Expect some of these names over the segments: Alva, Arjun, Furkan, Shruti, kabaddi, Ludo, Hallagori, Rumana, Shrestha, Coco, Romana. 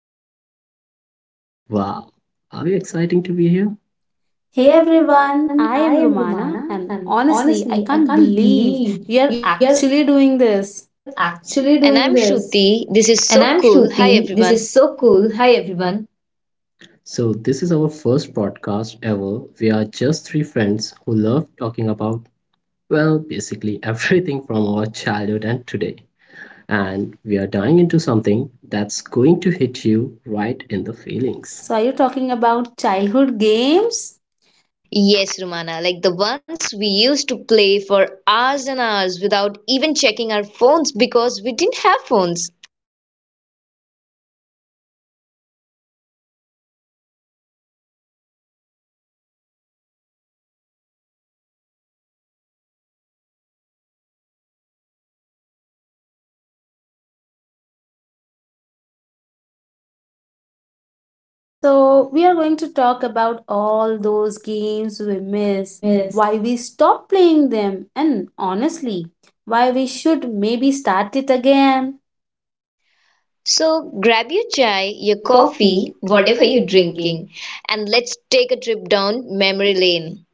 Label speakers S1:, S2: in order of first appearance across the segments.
S1: your host, Furkan, and wow, are you exciting to be here? Hey
S2: Hey everyone,
S1: everyone,
S2: I
S1: I
S2: am
S1: am
S2: Romana,
S1: Rumana,
S2: and
S1: and
S2: honestly,
S1: honestly,
S2: I
S1: I
S2: can't
S1: can't
S2: believe
S1: believe
S2: we
S1: we
S2: are
S1: are
S2: actually
S1: actually
S2: doing
S1: doing this.
S2: this.
S1: And
S3: And
S1: I'm
S3: I'm
S1: Shruti.
S3: Shruti.
S1: This
S3: This
S1: is
S3: is
S1: so
S3: so
S1: cool.
S3: cool.
S1: Hi,
S3: Hi,
S1: everyone.
S3: everyone.
S1: So, this is our first podcast ever. We are just three friends who love talking about, well, basically everything from our childhood and today and we are diving into something that's going to hit you right in the feelings.
S2: So, are you talking about childhood games?
S3: Yes, Romana, like the ones we used to play for hours and hours without even checking our phones because we didn't have phones.
S2: So, we are going to talk about all those games
S1: We
S2: we
S1: miss.
S2: miss, why we stopped playing them, and honestly, why we should maybe start it again.
S3: So grab your
S1: Try
S3: chai,
S1: your
S3: your
S1: coffee,
S3: coffee,
S1: whatever
S3: whatever
S1: you're
S3: you're
S1: drinking.
S3: drinking, and let's take a trip down memory lane.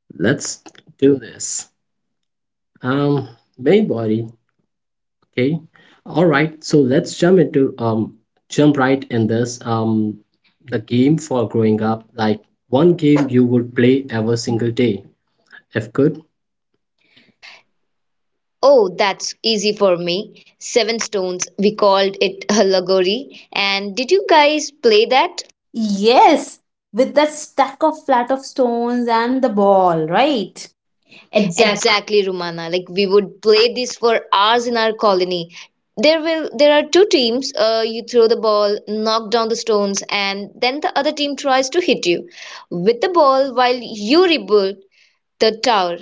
S1: Let's do this. Main body, okay. All right, so let's jump right in this the game for growing up, like one game you would play every single day if good.
S3: Oh, that's easy for me. Seven Stones, we called it Hallagori. And did you guys play that?
S2: Yes, with that stack of flat of stones and the ball, right?
S1: Exactly.
S3: Exactly, Rumana. Like we would play this for hours in our colony. There are two teams. You throw the ball, knock down the stones, and then the other team tries to hit you with the ball while you rebuild the tower.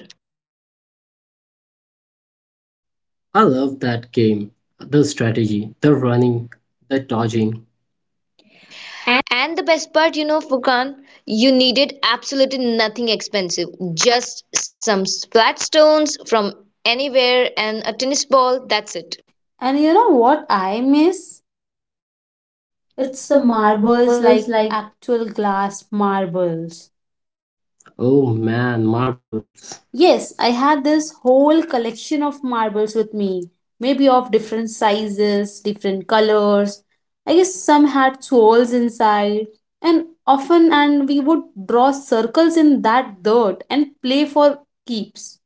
S1: I love that game. The strategy, the running, the dodging.
S3: And the best part, you know, Furkan, you needed absolutely nothing expensive. Just some flat stones from anywhere and a tennis ball. That's it.
S2: And you know what I miss?
S1: It's
S2: It's the
S1: the marbles
S2: marbles like
S1: like act.
S2: actual glass marbles.
S1: Oh man, marbles.
S2: Yes, I had this whole collection of marbles with me, maybe of different sizes, different colors. I guess some had souls inside, and often and we would draw circles in that dirt and play for keeps.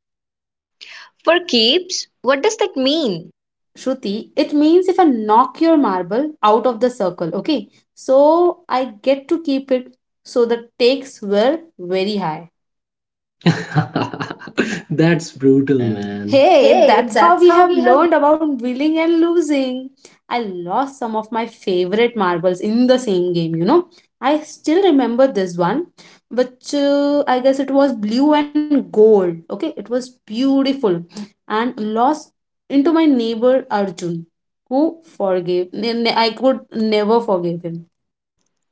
S3: For keeps, what does that mean?
S2: Shruti, it means if I knock your marble out of the circle, okay? So I get to keep it, so the stakes were very high.
S1: That's brutal,
S2: Man.
S1: man. Hey,
S2: Hey, that's
S1: that's how
S2: how
S1: we
S2: we
S1: have
S2: have learned about winning and losing. I lost some of my favorite marbles in the same game, you know. I still remember this one, which I guess it was blue and gold. Okay, it was beautiful and lost into my neighbor Arjun, who forgave. I could never forgive him.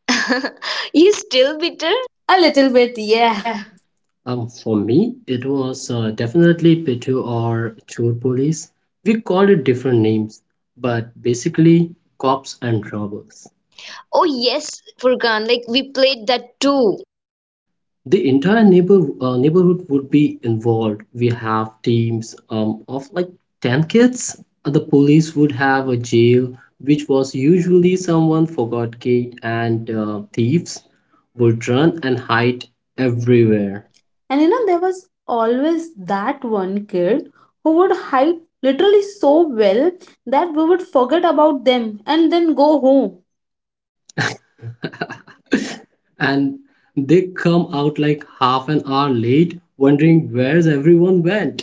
S3: You still bitter?
S2: A little
S1: it.
S2: bit,
S1: Yeah.
S2: yeah.
S1: For me, it was definitely Pitu or Chor Police. We called it different names, but basically cops and robbers.
S3: Oh yes, Furkan, like we played that too.
S1: The entire neighborhood would be involved. We have teams of like 10 kids. The police would have a jail which was usually someone forgot gate, and thieves would run and hide everywhere.
S2: There. And you know, there was always that one kid who would hide literally so well that we would forget about them and then go home.
S1: And they come out like half an hour late wondering where's everyone went.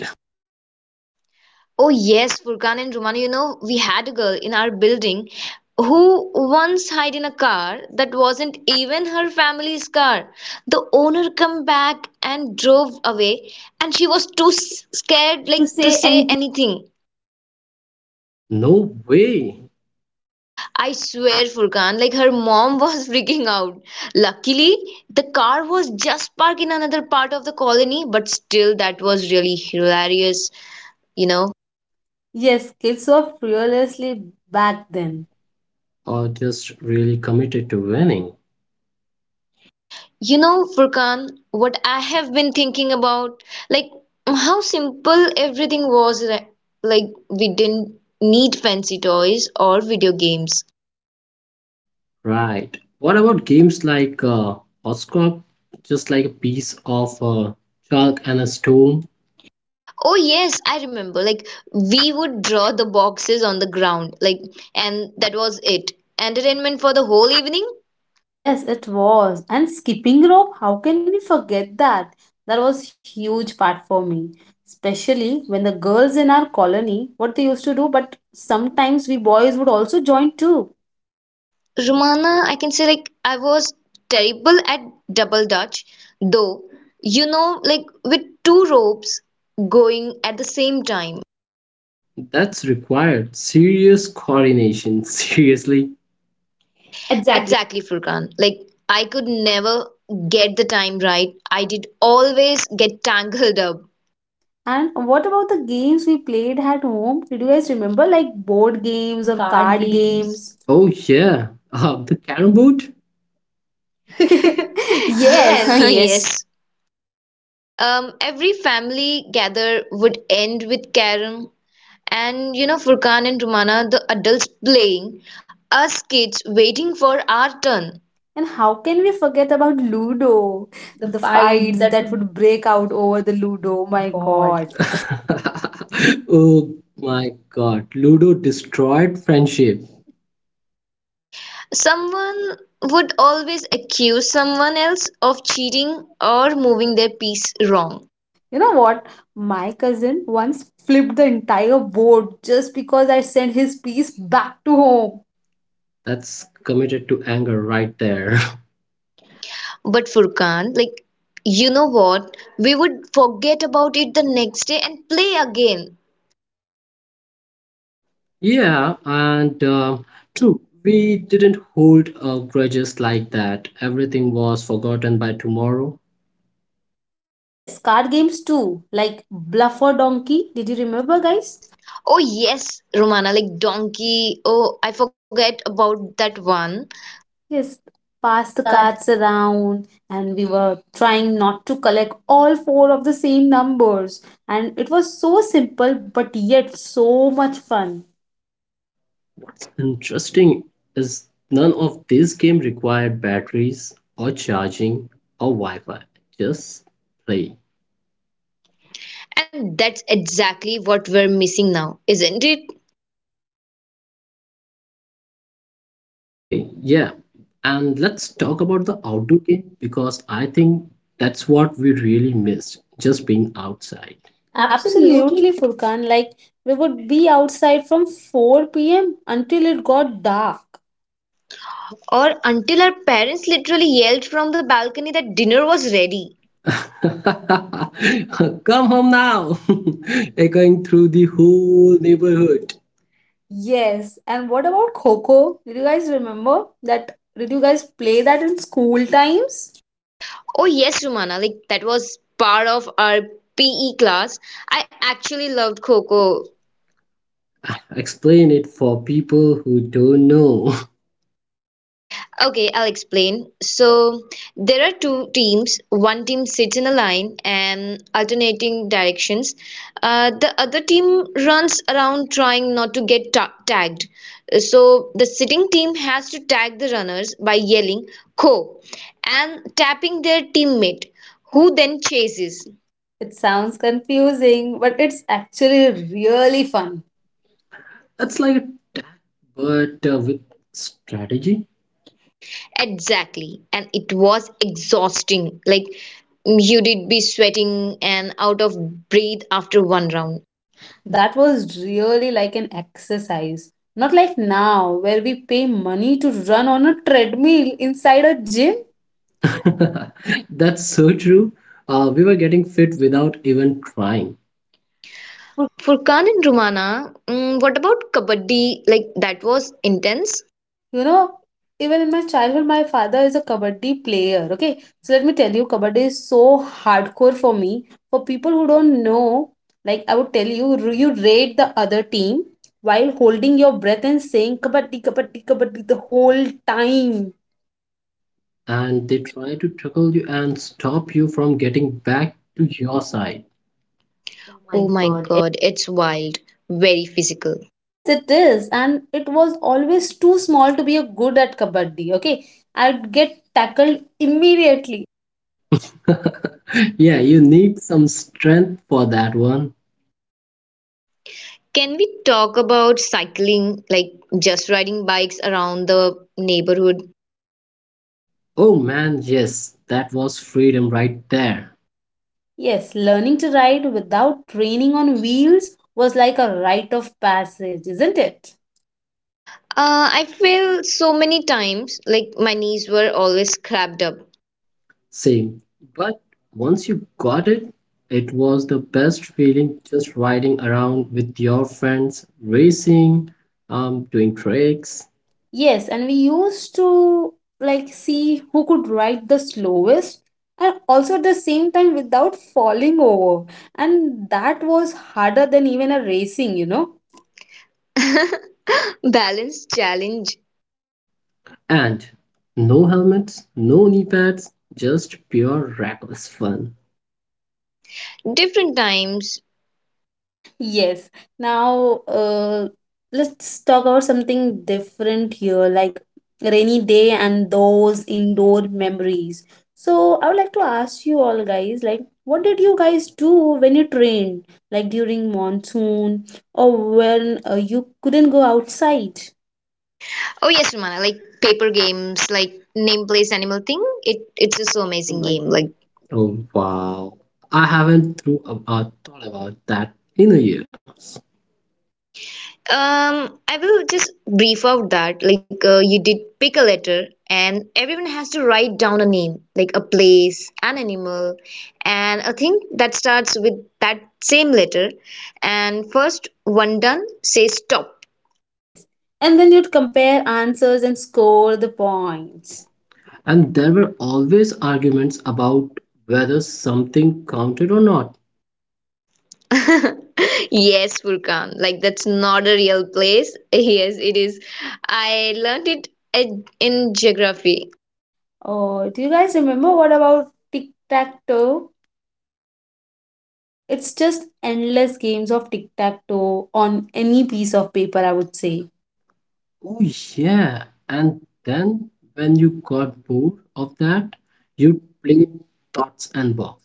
S3: Oh yes, Furkan and Rumana, you know, we had a girl in our building who once hid in a car that wasn't even her family's car. The owner come back and drove away and she was scared
S1: Like to
S3: like to
S1: say
S3: say
S1: anything.
S3: anything.
S1: No way.
S3: I swear, Furkan, like her mom was freaking out. Luckily, the car was just parked in another part of the colony, but still that was really hilarious, you know.
S2: Yes, kids were fearlessly back
S1: Then.
S2: then.
S1: Or just really committed to winning.
S3: You know, Furkan, what I have been thinking about, like how simple everything was. Like, we didn't need fancy toys or video games.
S1: Right. What about games like hopscotch? Just like a piece of chalk and a stone?
S3: Oh, yes, I remember. Like, we would draw the boxes on the ground, like, and that was it. Entertainment for the whole evening.
S2: Yes, it was. And skipping rope, how can we forget that? That was huge part for me. Especially when the girls in our colony, what they used to do, but sometimes we boys would also join too.
S3: Romana, I can say, like, I was terrible at double dutch, though, you know, like, with two ropes going at the same time.
S1: That's required serious coordination. Seriously. Exactly.
S3: Exactly, Furkan. Like I could never get the time right. I did always get tangled up.
S2: And what about the games we played at home? Did you guys remember like board
S1: Use
S2: games
S1: of
S2: or
S1: card
S2: card
S1: games,
S2: games?
S1: oh yeah. The carrom board.
S2: Yes.
S3: Yes.
S2: Yes.
S3: Yes. Every family gather would end with carom, and you know Furkan and Rumana, the adults playing, us kids waiting for our turn.
S2: And how can we forget about Ludo?
S1: The
S2: The
S1: fights
S2: fights
S1: that
S2: that
S1: would.
S2: would break out over the Ludo.
S1: My
S2: My
S1: God.
S2: God.
S1: Oh my God. Ludo destroyed friendship.
S3: Someone would always accuse someone else of cheating or moving their piece wrong.
S2: You know what? My cousin once flipped the entire board just because I sent his piece back to home.
S1: That's committed to anger right there.
S3: But Furkan, like, you know what? We would forget about it the next day and play again.
S1: Yeah, and true, we didn't hold grudges like that. Everything was forgotten by tomorrow.
S2: Yes, card games too, like Bluff or Donkey. Did you remember, guys?
S3: Oh, yes, Romana, like donkey. Oh, I forget about that one.
S2: Yes,
S1: Pass
S2: pass
S1: the
S2: the
S1: cards.
S2: cards around, and we were trying not to collect all four of the same numbers. And it was so simple, but yet so much fun.
S1: Interesting is none of this game required batteries or charging or Wi-Fi. Just play.
S3: And that's exactly what we're missing now, isn't it?
S1: Okay, yeah. And let's talk about the outdoor game, because I think that's what we really missed, just being outside. Absolutely.
S2: Absolutely, Furkan. Like, we would be outside from 4 p.m. until it got dark.
S3: Or until our parents literally yelled from the balcony that dinner was ready.
S1: Come home now. Echoing through the whole neighborhood.
S2: Yes, and what about Coco? Did you guys remember that? Did you guys play that in school times?
S3: Oh, yes, Romana, like that was part of our PE class. I actually loved Coco.
S1: Explain it for people who don't know.
S3: Okay, I'll explain. So there are two teams. One team sits in a line and alternating directions. The other team runs around trying not to tagged. So the sitting team has to tag the runners by yelling "Ko" and tapping their teammate, who then chases.
S2: It sounds confusing, but it's actually really fun.
S1: It's like a tag, but with strategy.
S3: Exactly, and it was exhausting. Like you did be sweating and out of breath after one round.
S2: That was really like an exercise. Not like now, where we pay money to run on a treadmill inside a gym.
S1: Jay? That's so true. We were getting fit without even trying,
S3: Furkan and Rumana, what about kabaddi? Like that was intense.
S2: You know, even in my childhood, my father is a kabaddi player. Okay, so let me tell you, kabaddi is so hardcore for me. For people who don't know, like I would tell you, you raid the other team while holding your breath and saying kabaddi, kabaddi, kabaddi the whole time.
S1: and they try to tackle you and stop you from getting back to your side. Oh my
S3: Oh my
S1: god.
S3: god, it's wild, very physical.
S2: Yes, it is. And it was always too small to be a good at kabaddi. Okay. I'd get tackled immediately.
S1: Yeah, you need some strength for that one.
S3: Can we talk about cycling, like just riding bikes around the neighborhood?
S1: Oh man, yes, that was freedom right there.
S2: Yes, learning to ride without training on wheels was like a rite of passage, isn't it?
S3: I fell so many times, like my knees were always cramped up.
S1: Same. But once you got it, it was the best feeling just riding around with your friends, racing, doing tricks,
S2: Yes, and we used to like see who could ride the slowest and also at the same time without falling over. And that was harder than even a racing, you know.
S3: Oh. Balance challenge,
S1: and no helmets, no knee pads, just pure reckless fun.
S3: different times.
S2: Yes. Now, let's talk about something different here, like rainy day and those indoor memories. So, I would like to ask you all guys, like, what did you guys do when it rained, like during monsoon or when you couldn't go outside?
S3: Oh yes, Romana, like paper games, like name place animal thing. It's just so
S1: Racing
S3: amazing
S1: game,
S3: game.
S1: like.
S3: Like
S1: Oh wow. I haven't thought about that in a year.
S3: I will just brief out that like you did pick a letter, and everyone has to write down a name, like a place, an animal, and a thing that starts with that same letter. And first one done, say stop.
S2: Yes. And then you'd compare answers and score the points.
S1: And there were always arguments about whether something counted or not.
S3: Yes, Furkan. Like that's not a real place. Yes, it is. I learned it in geography.
S2: Oh, do you guys remember what about tic tac toe? It's just endless games of tic tac toe on any piece of paper, I would say.
S1: Oh, yeah. And then when you got bored of that, you played dots and Box.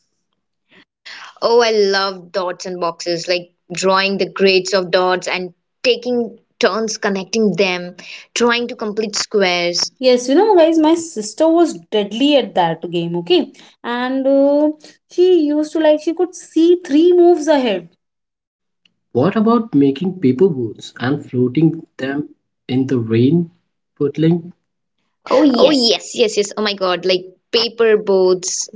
S3: Oh, I love dots and boxes, like drawing the grades of dots and taking turns connecting them, trying to complete squares.
S2: Yes, you know, guys, my sister was deadly at that game, okay? And she used to like, she could see three moves ahead.
S1: What about making paper balls and floating them in the rain, puddling. Oh,
S3: Oh,
S1: yes.
S3: yes, yes, yes. Oh my God, like paper boats.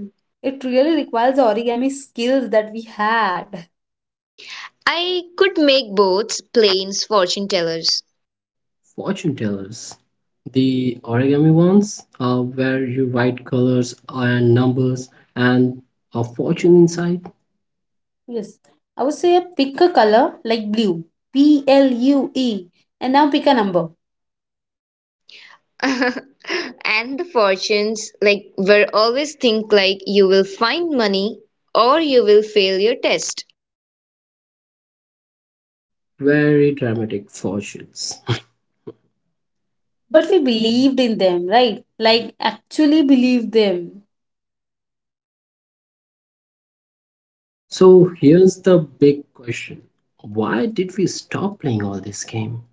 S2: It really requires the origami skills that we had.
S3: I could make boats, planes, fortune tellers.
S1: Fortune tellers? The origami ones, where you write colors and numbers and a fortune inside.
S2: Yes, I would say pick a color like blue, B L U E, and now pick a number.
S3: And the fortunes, like, were always think like you will find money or you will fail your test.
S1: Very dramatic fortunes. But
S2: But
S1: we
S2: we
S1: believe.
S2: believed in them, right? Like, actually believed them.
S1: So here's the big question. Why did we stop playing all this game?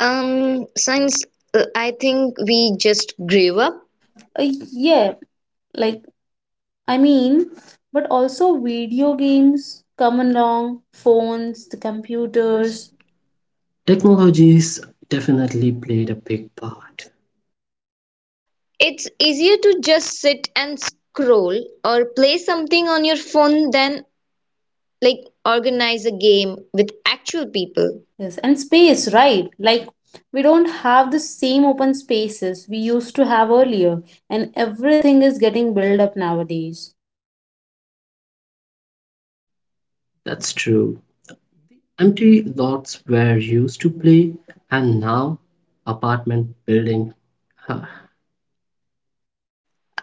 S3: Since I think we just grew up.
S2: Uh, yeah, like I mean, but also video games come along, phones, the
S1: Because
S2: computers,
S1: technologies definitely played a big part.
S3: It's easier to just sit and scroll or play something on your phone than like organize a game with actual people.
S2: yes, and space, right? Like we don't have the same open spaces we used to have earlier, and everything is getting built up nowadays.
S1: That's true. Empty lots were used to play, and now apartment building. Huh.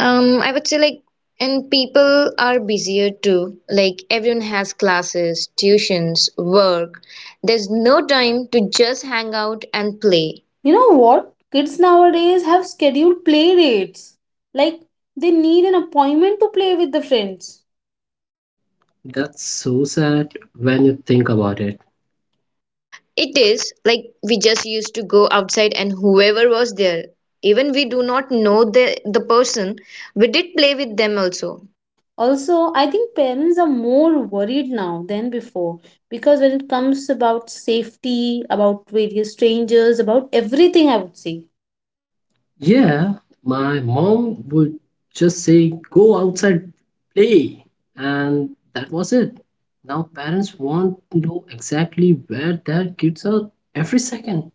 S3: I would say like, and people are busier too. Like everyone has classes, tuitions, work. There's no time to just hang out and play.
S2: You know what? Kids nowadays have scheduled play dates. Like they need an appointment to play with the friends.
S1: That's so sad when you think about it.
S3: It is like we just used to go outside and whoever was there, even we do not know the person, we did play with them also.
S2: Also, I think parents are more worried now than before because when it comes about safety, about various strangers, about everything, I would say
S1: Yeah, my mom would just say, go outside, play, and that was it. Now parents want to know exactly where their kids are every second.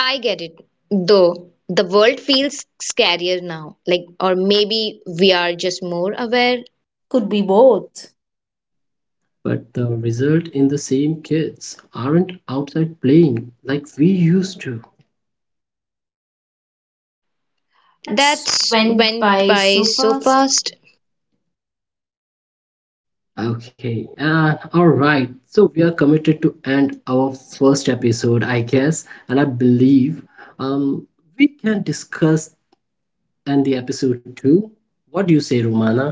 S3: I get it, though the world feels scarier now. Like, or maybe we are just more aware.
S2: could be both.
S1: But the result in the same kids aren't outside playing like we used to. That's
S3: That's
S1: went
S3: went
S1: by
S3: by
S1: so
S3: so
S1: fast.
S3: fast.
S1: Okay, all right. So we are committed to end our first episode, I guess, and I believe um, we can discuss and the episode 2. What do you say, Romana?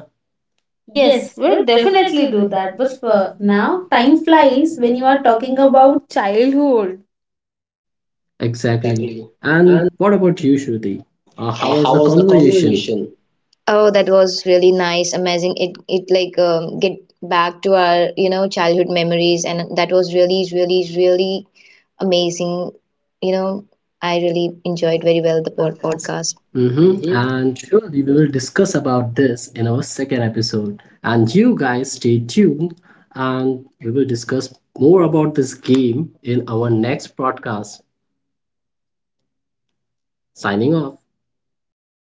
S1: Yes,
S2: Yes,
S1: we'll
S2: we'll
S1: definitely
S2: definitely
S1: do
S2: do
S1: that.
S2: that. But
S1: But for
S2: for
S1: now,
S2: now, time
S1: time flies
S2: flies
S1: when
S2: when
S1: you
S2: you
S1: are
S2: are
S1: talking
S2: talking
S1: about.
S2: about childhood.
S1: Exactly.
S3: Exactly.
S1: And
S3: And
S1: what about you, Shruti? How was
S3: how
S1: the
S3: was the
S1: conversation?
S3: conversation? Oh, that was really nice, amazing. It like get back to our you know childhood memories, and that was really, really, really amazing. You know, I really enjoyed
S1: Well,
S3: very
S1: the
S3: well
S1: our
S3: the
S1: podcast.
S3: podcast.
S1: Mm-hmm.
S3: Mm-hmm.
S1: And surely we will discuss about this in our second episode. And you guys stay tuned and we will discuss more about this game in our next podcast. Signing off.